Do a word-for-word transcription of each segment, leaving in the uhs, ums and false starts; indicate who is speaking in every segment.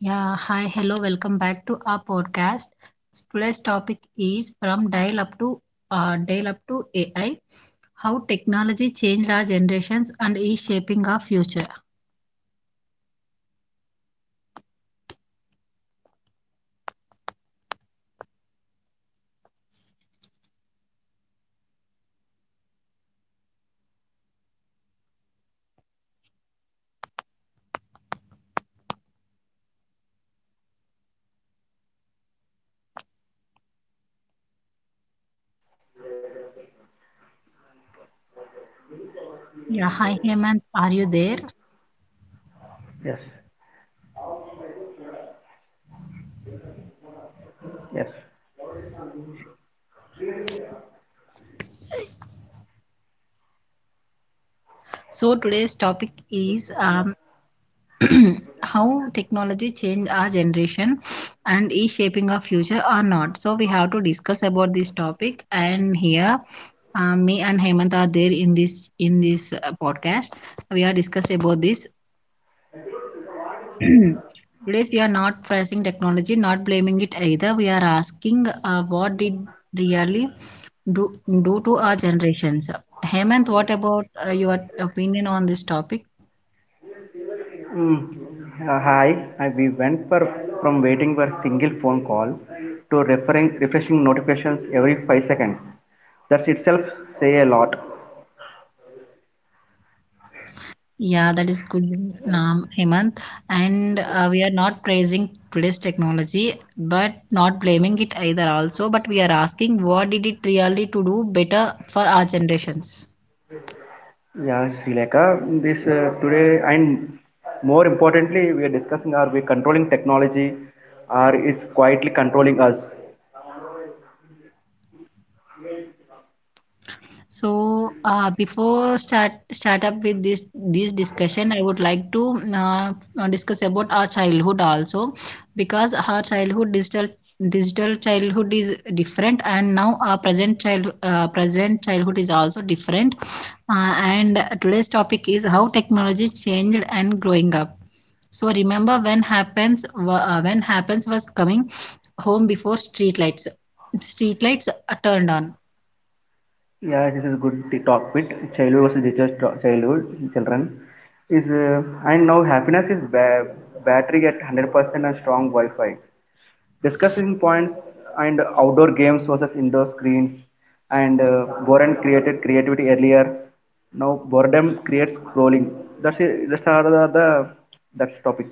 Speaker 1: Yeah, hi, hello, welcome back to our podcast. Today's topic is from dial up to uh, dial up to A I, how technology changed our generations and is shaping our future. Yeah, hi Hemant, are you there?
Speaker 2: Yes, yes.
Speaker 1: So today's topic is um, how technology changed our generation and is shaping our future or not. So we have to discuss about this topic and here uh, me and Hemant are there in this in this uh, podcast. We are discussing about this Today's we are not praising technology, not blaming it either. We are asking uh, what did really do do to our generations. Hemant, what about uh, your opinion on this topic?
Speaker 2: Mm, uh, hi, I, we went for, from waiting for single phone call to referring, refreshing notifications every five seconds. That itself say a lot.
Speaker 1: Yeah, that is good, um, Hemant. And uh, we are not praising today's technology, but not blaming it either also. But we are asking what did it really to do better for our generations.
Speaker 2: Yeah, Sri Lanka, this uh, today and more importantly, we are discussing, are we controlling technology or is quietly controlling us.
Speaker 1: So uh, before start start up with this this discussion, I would like to uh, uh, discuss about our childhood also, because our childhood digital digital childhood is different, and now our present child uh, present childhood is also different. Uh, and today's topic is how technology changed and growing up. So remember when happens uh, when happens was coming home before street lights. Street lights uh, turned on.
Speaker 2: Yeah, this is a good t- topic. Childhood versus digital childhood children is uh, and now happiness is ba- battery at one hundred percent and strong Wi-Fi. Discussing points and outdoor games versus indoor screens and uh, boredom created creativity earlier. Now boredom creates scrolling. That's it. That's are the, the that's topic.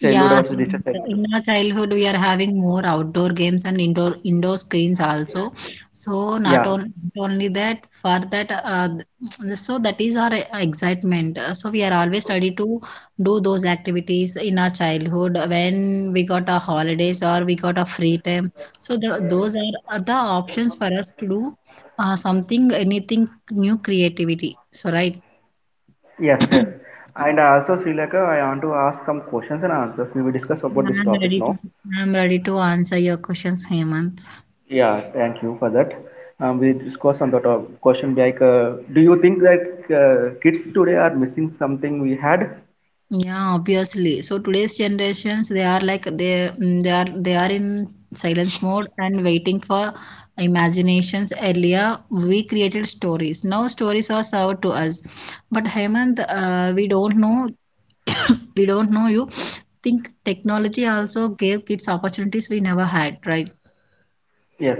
Speaker 2: Childhood
Speaker 1: Yeah,
Speaker 2: versus digital
Speaker 1: and
Speaker 2: childhood.
Speaker 1: in our childhood we are having more outdoor games and indoor indoor screens also. So not,
Speaker 2: Yeah.
Speaker 1: on, not only that, for that, uh, th- so that is our excitement. Uh, So we are always ready to do those activities in our childhood when we got our holidays or we got a free time. So the, those are uh, the options for us to do uh, something, anything new creativity. So right,
Speaker 2: Yes. Yes. And also, Sri Lanka, I want to ask some questions and answers. We will discuss about this
Speaker 1: I'm
Speaker 2: topic
Speaker 1: ready to
Speaker 2: now.
Speaker 1: I'm ready to answer your questions, Hemant.
Speaker 2: Yeah, thank you for that. Um, we discussed on the top question like, uh, do you think that uh, kids today are missing something we had?
Speaker 1: Yeah, obviously. So today's generations, they are like they mm, they are they are in silence mode and waiting for imaginations. Earlier we created stories, now stories are served to us. But Hemant, uh, we don't know we don't know you think technology also gave kids opportunities we never had, right?
Speaker 2: Yes,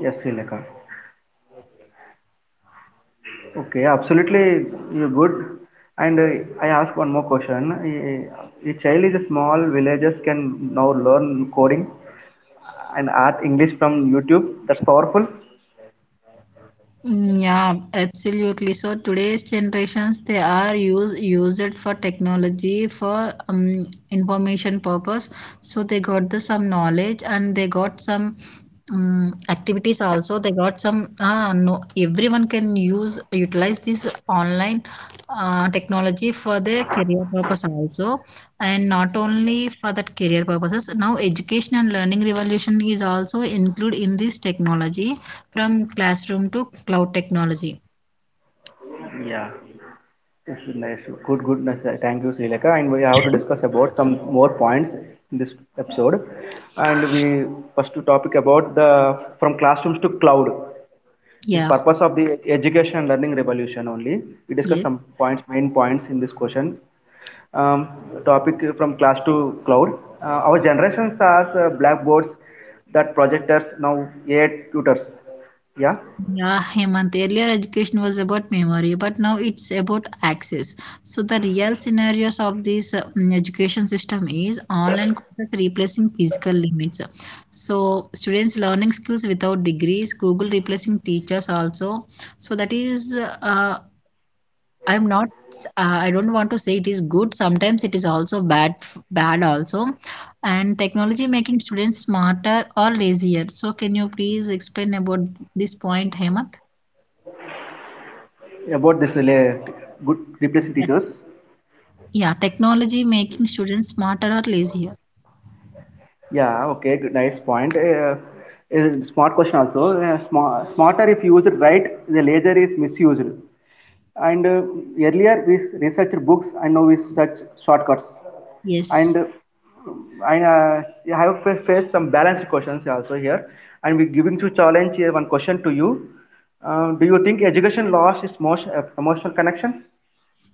Speaker 2: yes, Srileka. Okay, absolutely, you're good. And uh, I ask one more question. A, a child is a small villagers can now learn coding and art English from YouTube. That's powerful.
Speaker 1: Mm, yeah, absolutely. So today's generations, they are use used for technology for um, information purpose. So they got the some knowledge and they got some um, activities also. They got some uh, no everyone can use utilize this online uh, technology for their career purpose also, and not only for that career purposes. Now education and learning revolution is also include in this technology, from classroom to cloud technology.
Speaker 2: Yeah. Yes, nice. Good, good. Nice. Uh, Thank you, Sri Lanka. And we have to discuss about some more points in this episode. And we first to topic about the from classrooms to cloud. Is
Speaker 1: Yeah.
Speaker 2: purpose of the education and learning revolution only. We discuss
Speaker 1: Yes.
Speaker 2: some points, main points in this question. Um, Topic from class to cloud. Uh, our generation has uh, blackboards, that projectors, now A I tutors. Yeah.
Speaker 1: Yeah, Hemant. Earlier education was about memory, but now it's about access. So the real scenarios of this uh, mm, education system is online courses replacing physical limits. So students learning skills without degrees, Google replacing teachers also. So that is uh, I'm not s- uh, I don't want to say it is good, sometimes it is also bad f- bad also. And technology making students smarter or lazier, so can you please explain about this point, Hemant?
Speaker 2: About this, uh, good replacing teachers.
Speaker 1: Yeah, technology making students smarter or lazier.
Speaker 2: Yeah, okay, good, nice point. Uh, uh, smart question also. Uh, sma- smarter if used right, the laser is misused. And uh, earlier we researched books and now we search shortcuts. And
Speaker 1: Yes.
Speaker 2: uh, I, uh, I have fa- faced some balanced questions also here. And we're giving to challenge uh, one question to you. Uh, do you think education loss is most uh, emotional connection,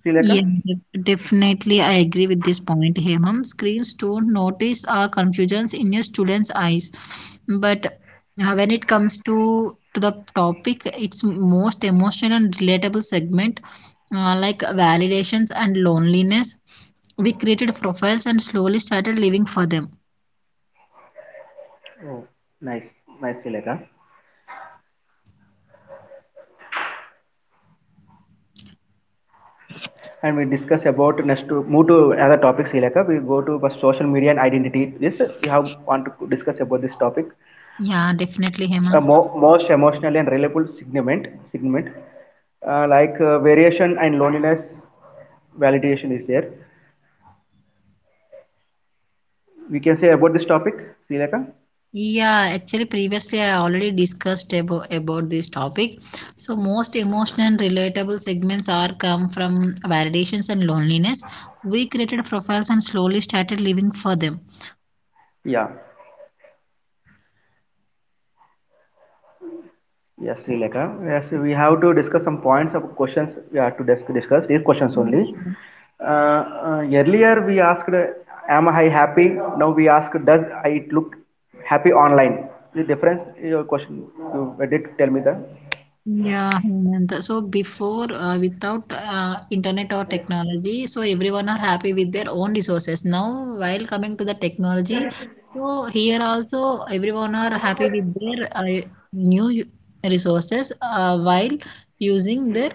Speaker 2: Srileka?
Speaker 1: Yeah, def- definitely. I agree with this point, Hemam. Screens don't notice our confusions in your students' eyes. But uh, when it comes to, to the topic, it's most emotional and relatable segment, uh, like validations and loneliness. We created profiles and slowly started living for them.
Speaker 2: Oh, nice, nice, Srileka. And we discuss about next to move to another topic Srilaka. We go to social media and identity this, we have want to discuss about this topic,
Speaker 1: Yeah, definitely,
Speaker 2: a
Speaker 1: Hemant.
Speaker 2: mo- most emotionally and reliable segment segment uh, like uh, variation and loneliness, validation is there, we can say about this topic Srilaka.
Speaker 1: Yeah, actually, previously I already discussed abo- about this topic. So, most emotional and relatable segments are come from validations and loneliness. We created profiles and slowly started living for them.
Speaker 2: Yeah. Yes, Srilekha. Yes, we have to discuss some points of questions we have to dis- discuss. These questions only. Uh, uh, earlier we asked, uh, "Am I happy?" Now we ask, "Does it look happy online?" The difference. Your question. You did tell me the.
Speaker 1: Yeah, Hemant. So before, uh, without uh, internet or technology, so everyone are happy with their own resources. Now, while coming to the technology, so here also everyone are happy with their uh, new u- resources uh, while using their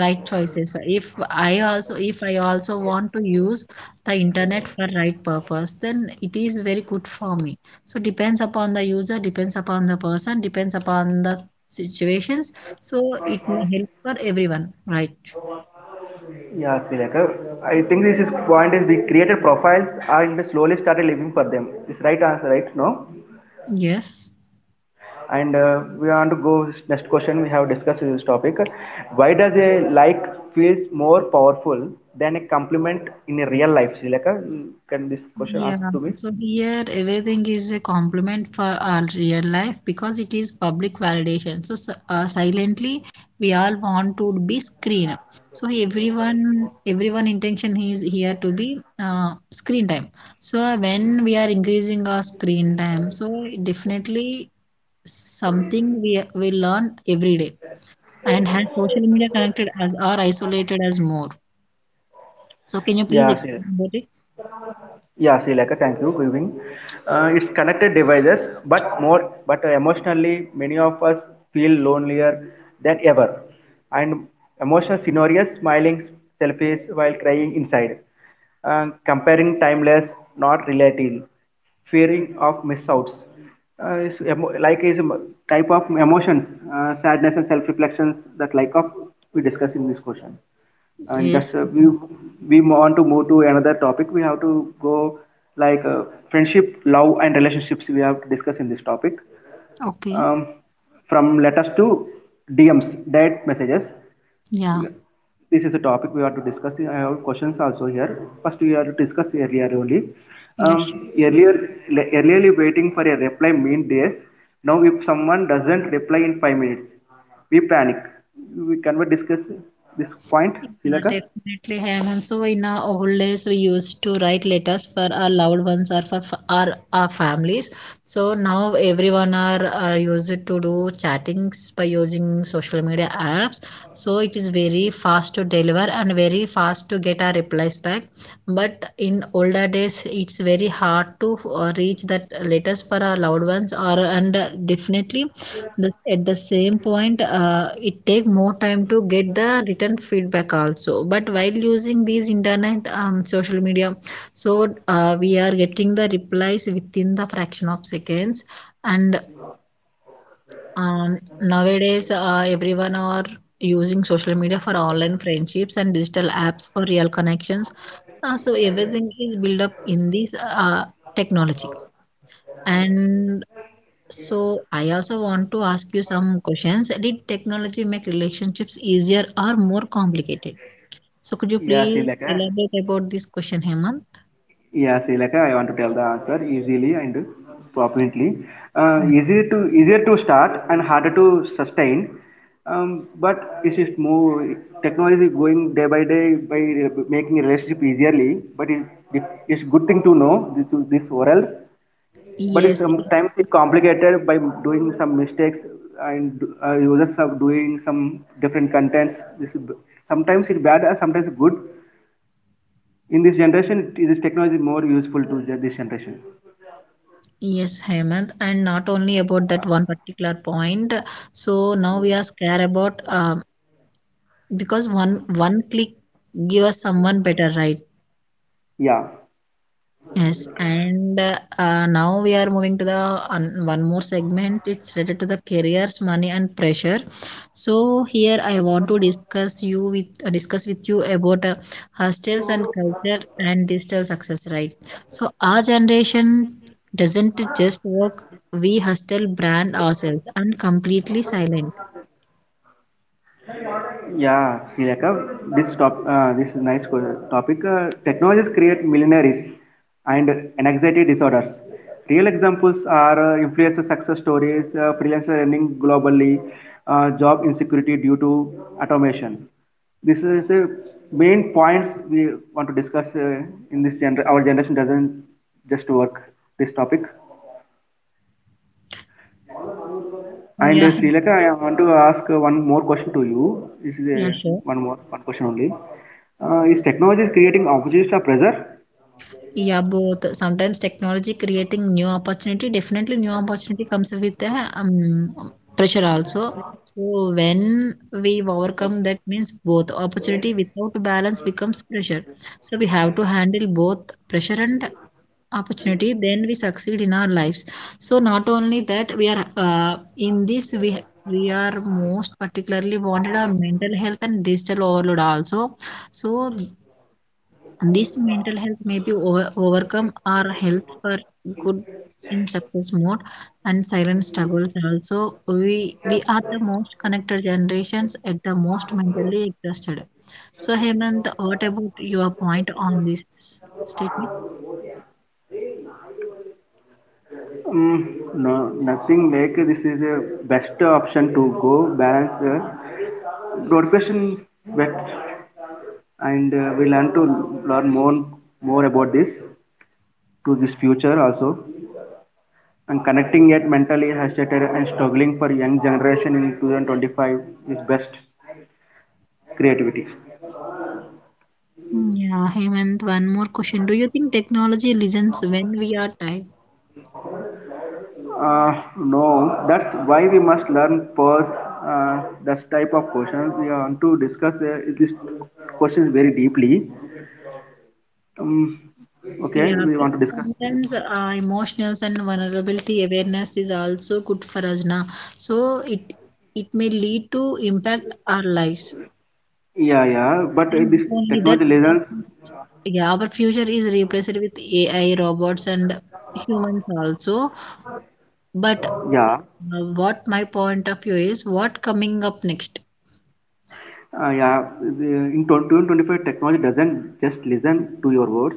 Speaker 1: right choices. If I also, if I also want to use the internet for right purpose, then it is very good for me. So depends upon the user, depends upon the person, depends upon the situations, so it may help for everyone, right?
Speaker 2: Yeah, Srilekha. I think this is point is we created profiles and slowly started living for them. It's right answer, right? No.
Speaker 1: Yes.
Speaker 2: And uh, we want to go next question. We have discussed this topic. Why does a like feels more powerful than a compliment in a real life? Sri Lanka? Can this question
Speaker 1: Yeah.
Speaker 2: answer to me?
Speaker 1: So here everything is a compliment for our real life because it is public validation. So s- uh, silently we all want to be screen. So everyone, everyone intention is here to be uh, screen time. So when we are increasing our screen time, so definitely something we we learn every day. And has social media connected as or isolated as more? So can you please
Speaker 2: Yeah, Sri
Speaker 1: explain about it?
Speaker 2: Yeah, Sri Lanka, thank you. Good evening. Uh, it's connected devices, but more, but emotionally, many of us feel lonelier than ever. And emotional scenarios, smiling selfies while crying inside, uh, comparing timeless, not relating, fearing of miss outs. Uh, is emo- like is a m- type of emotions, uh, sadness and self reflections that like of we discuss in this question, and
Speaker 1: Yes.
Speaker 2: that's uh, we we want to move to another topic, we have to go like uh, friendship, love and relationships, we have to discuss in this topic.
Speaker 1: Okay.
Speaker 2: um, from letters to D Ms, direct messages,
Speaker 1: Yeah.
Speaker 2: this is the topic we have to discuss. I have questions also here. First we have to discuss earlier only.
Speaker 1: Yeah,
Speaker 2: um,
Speaker 1: sure.
Speaker 2: Earlier, le- earlierly waiting for a reply mean days. Now if someone doesn't reply in five minutes, we panic. We can we discuss this point,
Speaker 1: Yeah,
Speaker 2: Silaka.
Speaker 1: definitely have. And so in our old days, we used to write letters for our loved ones or for f- our our families. So now everyone are, are used to do chattings by using social media apps. So it is very fast to deliver and very fast to get our replies back. But in older days, it's very hard to uh, reach that letters for our loved ones. Or and uh, definitely the, at the same point uh, it take more time to get the written feedback also. But while using these internet um, social media, so uh, we are getting the replies within the fraction of seconds. And um, nowadays uh, everyone are using social media for online friendships and digital apps for real connections. uh, so everything is built up in this uh, technology. And so I also want to ask you some questions. Did technology make relationships easier or more complicated? So could you
Speaker 2: Yeah,
Speaker 1: please
Speaker 2: Silaka.
Speaker 1: elaborate about this question, Hemant?
Speaker 2: Yeah, Silaka, I want to tell the answer easily and properly. Uh,
Speaker 1: Mm.
Speaker 2: easier to easier to start and harder to sustain. Um, but it is more, technology is going day by day by re- making relationship easierly. But it, it, it's good thing to know this this world. But it's
Speaker 1: Yes,
Speaker 2: sometimes it's complicated by doing some mistakes, and uh, users are doing some different contents. This is, b- sometimes it's bad, and sometimes good. In this generation this technology is more useful to this generation.
Speaker 1: yes, Hemant, and not only about that one particular point. So now we are scared about um, because one one click gives someone better, right?
Speaker 2: Yeah.
Speaker 1: Yes, and uh, uh, now we are moving to the un- one more segment. It's related to the careers, money, and pressure. So here I want to discuss you with uh, discuss with you about uh, hostels and culture and digital success. Right. So our generation doesn't just work. We hostel brand ourselves and completely silent.
Speaker 2: Yeah, see like uh, this top uh, this is nice topic. Uh, technologies create millionaires and anxiety disorders. Real examples are uh, influencer success stories, uh, freelancer earning globally, uh, job insecurity due to automation. This is the main points we want to discuss. Uh, in this gener- our generation doesn't just work, this topic. And
Speaker 1: Yeah.
Speaker 2: uh, Sri Lanka, I want to ask uh, one more question to you. This is
Speaker 1: Yeah.
Speaker 2: a,
Speaker 1: Sure.
Speaker 2: one more one question only. Uh, is technology creating opportunities or pressure?
Speaker 1: Yeah, both. Sometimes technology creating new opportunity. Definitely, new opportunity comes with a um, pressure also. So when we overcome, that means both opportunity without balance becomes pressure. So we have to handle both pressure and opportunity. Then we succeed in our lives. So not only that, we are uh, in this we we are most particularly wanted our mental health and digital overload also. So this mental health may be over, overcome our health for good in success mode. And silent struggles also, we we are the most connected generations at the most mentally exhausted. So Hemant, what about your point on this statement?
Speaker 2: Um, no, nothing like this is a best option to go balance uh, notification, but. And uh, we learn to learn more more about this to this future also, and connecting yet mentally hesitated and struggling for young generation in twenty twenty-five is best creativity.
Speaker 1: Yeah Hemant, one more question: do you think technology listens when we are tired?
Speaker 2: Uh, no, that's why we must learn first uh, that type of questions. We want to discuss uh, this questions very deeply. Um, okay,
Speaker 1: Yeah,
Speaker 2: we
Speaker 1: but
Speaker 2: want to discuss.
Speaker 1: sometimes uh, emotionals and vulnerability awareness is also good for us now. So it it may lead to impact our lives.
Speaker 2: Yeah, yeah, but uh,
Speaker 1: And
Speaker 2: this
Speaker 1: not only that,
Speaker 2: technology
Speaker 1: our-
Speaker 2: lessons.
Speaker 1: yeah, our future is replaced with A I robots and humans also. But
Speaker 2: Yeah,
Speaker 1: uh, what my point of view is, what coming up next?
Speaker 2: uh, yeah. the- In twenty twenty-five, technology doesn't just listen to your words.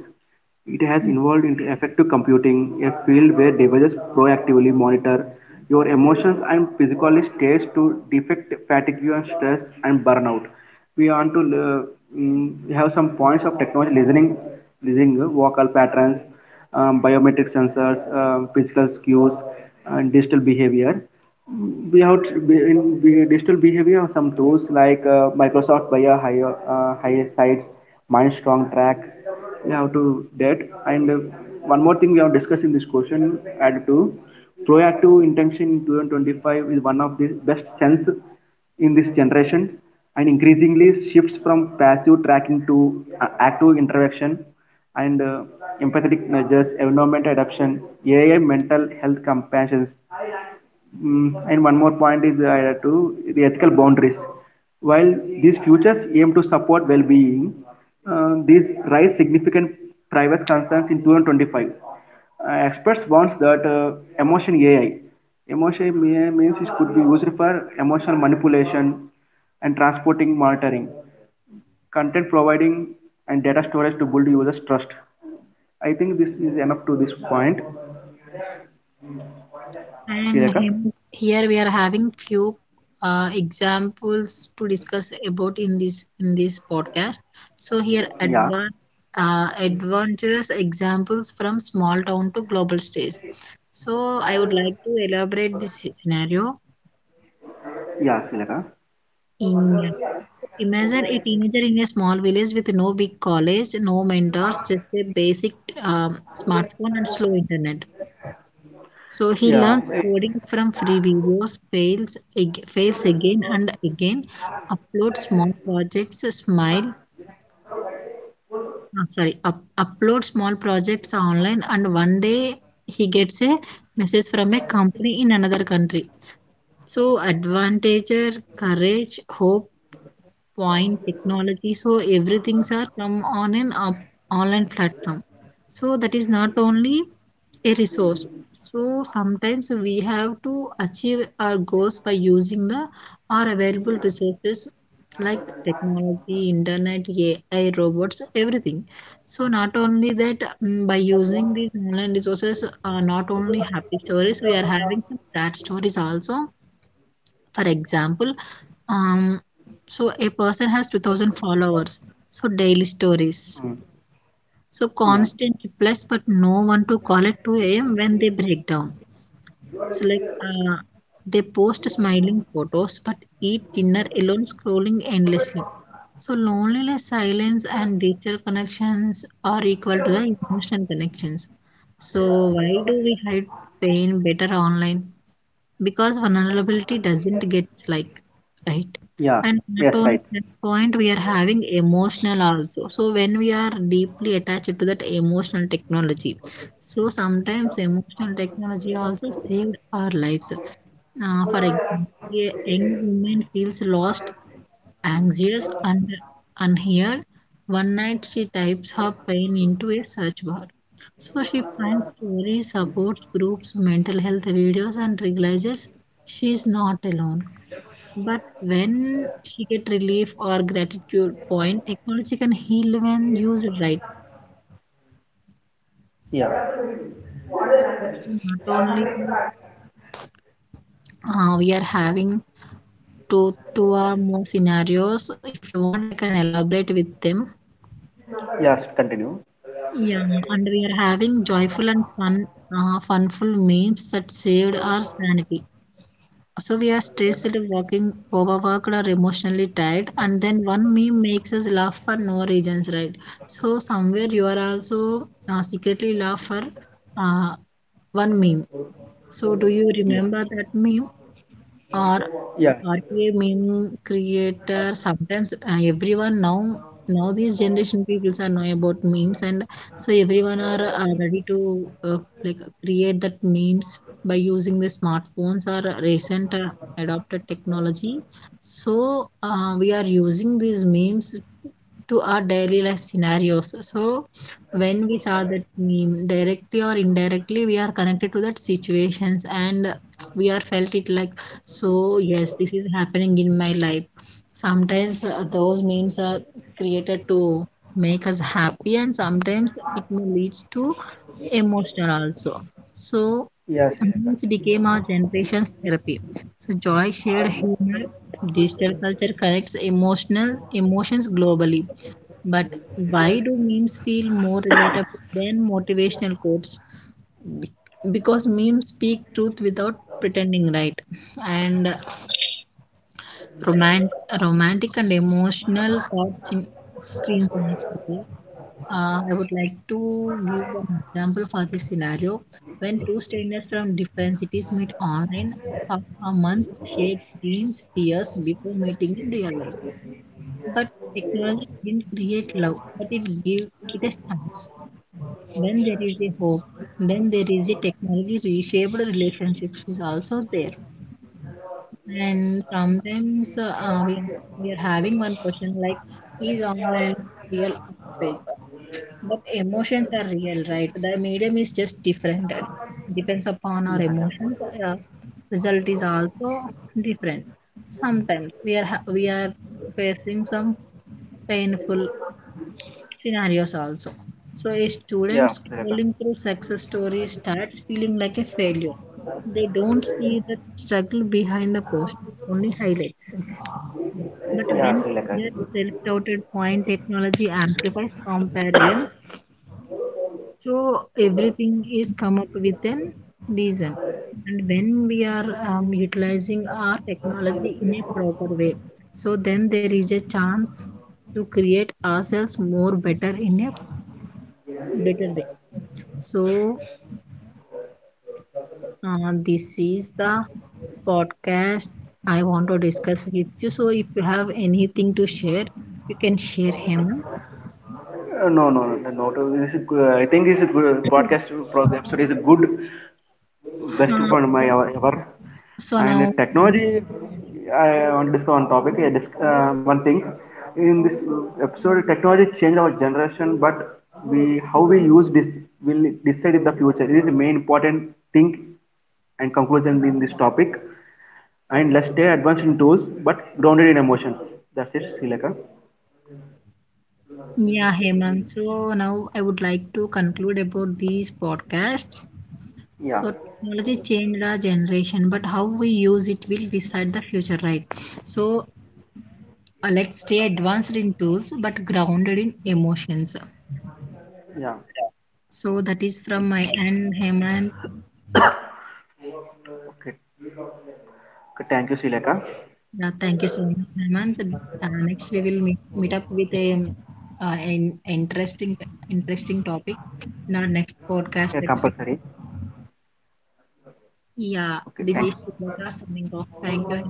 Speaker 2: It has evolved into effective computing, a field where devices proactively monitor your emotions and physical states to detect fatigue and stress and burnout. We want to uh, mm, have some points of technology listening, listening uh, vocal patterns, um, biometric sensors, um, physical cues, and digital behavior. We have t- in digital behavior some tools like uh, Microsoft via higher uh, higher sites, MindStrong Track. We have to that. And uh, one more thing we have discussed in this question, add to proactive intention in two thousand twenty-five is one of the best sense in this generation, and increasingly shifts from passive tracking to uh, active interaction, and uh, empathetic measures, environment adaptation, A I mental health compassions. Mm, and one more point is uh, to the ethical boundaries. While these futures aim to support well-being, uh, these raise significant privacy concerns in two thousand twenty-five. Uh, experts warns that uh, emotion A I, emotion A I means it could be used for emotional manipulation and transporting monitoring, content providing, and data storage to build users' trust. I think this is enough to this point.
Speaker 1: And
Speaker 2: Sileka?
Speaker 1: him- here we are having few uh, examples to discuss about in this in this podcast. So here
Speaker 2: Yeah.
Speaker 1: advan uh, adventurous examples from small town to global stage. So I would like to elaborate this scenario
Speaker 2: Yeah, Sileka.
Speaker 1: in. Imagine a teenager in a small village with no big college, no mentors, just a basic um, smartphone and slow internet. So he
Speaker 2: Yeah.
Speaker 1: learns coding from free videos, fails, ag- fails again and again, upload small projects, smile, uh, sorry, up, upload small projects online, and one day he gets a message from a company in another country. So advantager, courage, hope, point technology. So everything's are come on an up, online platform. So that is not only a resource. So sometimes we have to achieve our goals by using the our available resources, like technology, internet, AI, robots, everything. So not only that, mm, by using these online resources, uh, not only happy stories, we are having some sad stories also. For example, um, so a person has two thousand followers, so daily stories,
Speaker 2: Mm.
Speaker 1: so
Speaker 2: Yeah.
Speaker 1: constant replies, but no one to call at two a m when they break down. So, like, uh, they post smiling photos, but eat dinner alone, scrolling endlessly. So, loneliness, silence, and digital connections are equal to the emotional connections. So, why do we hide pain better online? Because vulnerability doesn't get like, right.
Speaker 2: Yeah.
Speaker 1: And not
Speaker 2: Yes,
Speaker 1: only
Speaker 2: right.
Speaker 1: that point, we are having emotional also. So when we are deeply attached to that emotional technology, so sometimes emotional technology also saves our lives. uh, for example, a young woman feels lost. Anxious and unheard, one night she types her pain into a search bar. So she finds stories, support groups, mental health videos, and realizes she's not alone. But when she get relief or gratitude point, technology can heal when used right.
Speaker 2: Yeah.
Speaker 1: So not only that, uh, we are having two two or more scenarios. If you want, I can elaborate with them.
Speaker 2: Yes, continue.
Speaker 1: Yeah, and we are having joyful and fun, uh, funful memes that saved our sanity. So we are stressed, working, overworked, or emotionally tired, and then one meme makes us laugh for no reasons, right? So somewhere you are also uh, secretly laugh for uh, one meme. So do you
Speaker 2: Yeah.
Speaker 1: remember that meme, or
Speaker 2: Yeah.
Speaker 1: R T A meme creator? Sometimes uh, everyone now, now these generation peoples are know about memes. And so everyone are uh, ready to uh, like create that memes by using the smartphones or recent uh, adopted technology. So uh, we are using these memes to our daily life scenarios. So when we saw that meme directly or indirectly, we are connected to that situations, and we are felt it like, so, yes, this is happening in my life. Sometimes uh, those memes are created to make us happy, and sometimes it may leads to emotional also. So,
Speaker 2: Yeah, Sri Lanka.
Speaker 1: memes became our generation's therapy. So, Joy shared humor. Digital culture connects emotional emotions globally. But why do memes feel more relatable than motivational quotes? Be- Because memes speak truth without pretending, right? And Romant- romantic and emotional thoughts in screen management. Uh, I would like to give an example for this scenario. When two strangers from different cities meet online for a month, share dreams, fears before meeting in real life. But technology didn't create love, but it gave it a chance. When there is a hope, then there is a technology reshaped relationships is also there. And sometimes uh, we, we are having one question like, is online real or fake? But emotions are real, right? The medium is just different. It depends upon our
Speaker 2: Yeah,
Speaker 1: emotions. Uh, result is also different. Sometimes we are ha we are facing some painful scenarios also. So a student
Speaker 2: yeah. Yeah, Sri
Speaker 1: scrolling through success stories starts feeling like a failure. They don't see the struggle behind the post, only highlights. But
Speaker 2: Yeah,
Speaker 1: when
Speaker 2: Sri Lanka.
Speaker 1: just self-doubted point technology amplifies comparison, so everything is come up with an reason. And when we are um, utilizing our technology in a proper way, so then there is a chance to create ourselves more better in a better way. So uh, this is the podcast I want to discuss with you. So if you have anything to share, you can share, him.
Speaker 2: Uh, no, no, no, no. no, It's a good, I think this a good podcast pro- episode is a good, best for
Speaker 1: Uh,
Speaker 2: my ever. ever.
Speaker 1: So
Speaker 2: And
Speaker 1: now,
Speaker 2: technology, I want to discuss one topic. I dis- uh, one thing in this episode, technology changed our generation, but we how we use this will decide in the future. It is the main important thing and conclusion in this topic. And let's stay advanced in tools, but grounded in emotions. That's it, Sileka.
Speaker 1: yeah, Hemant. So now I would like to conclude about this podcast.
Speaker 2: Yeah,
Speaker 1: So technology changed our generation, but how we use it will decide the future, right? So uh, let's stay advanced in tools, but grounded in emotions.
Speaker 2: yeah.
Speaker 1: So that is from my end, Hemant.
Speaker 2: Okay. Okay, thank you, Srilekha.
Speaker 1: Yeah, thank you so much, Hemant. Uh, next, we will meet, meet up with a uh, an interesting interesting topic in our next podcast
Speaker 2: Yeah,
Speaker 1: episode.
Speaker 2: compulsory.
Speaker 1: Yeah,
Speaker 2: Okay,
Speaker 1: this
Speaker 2: thank
Speaker 1: is
Speaker 2: you.
Speaker 1: Shubhra signing off. Thank you.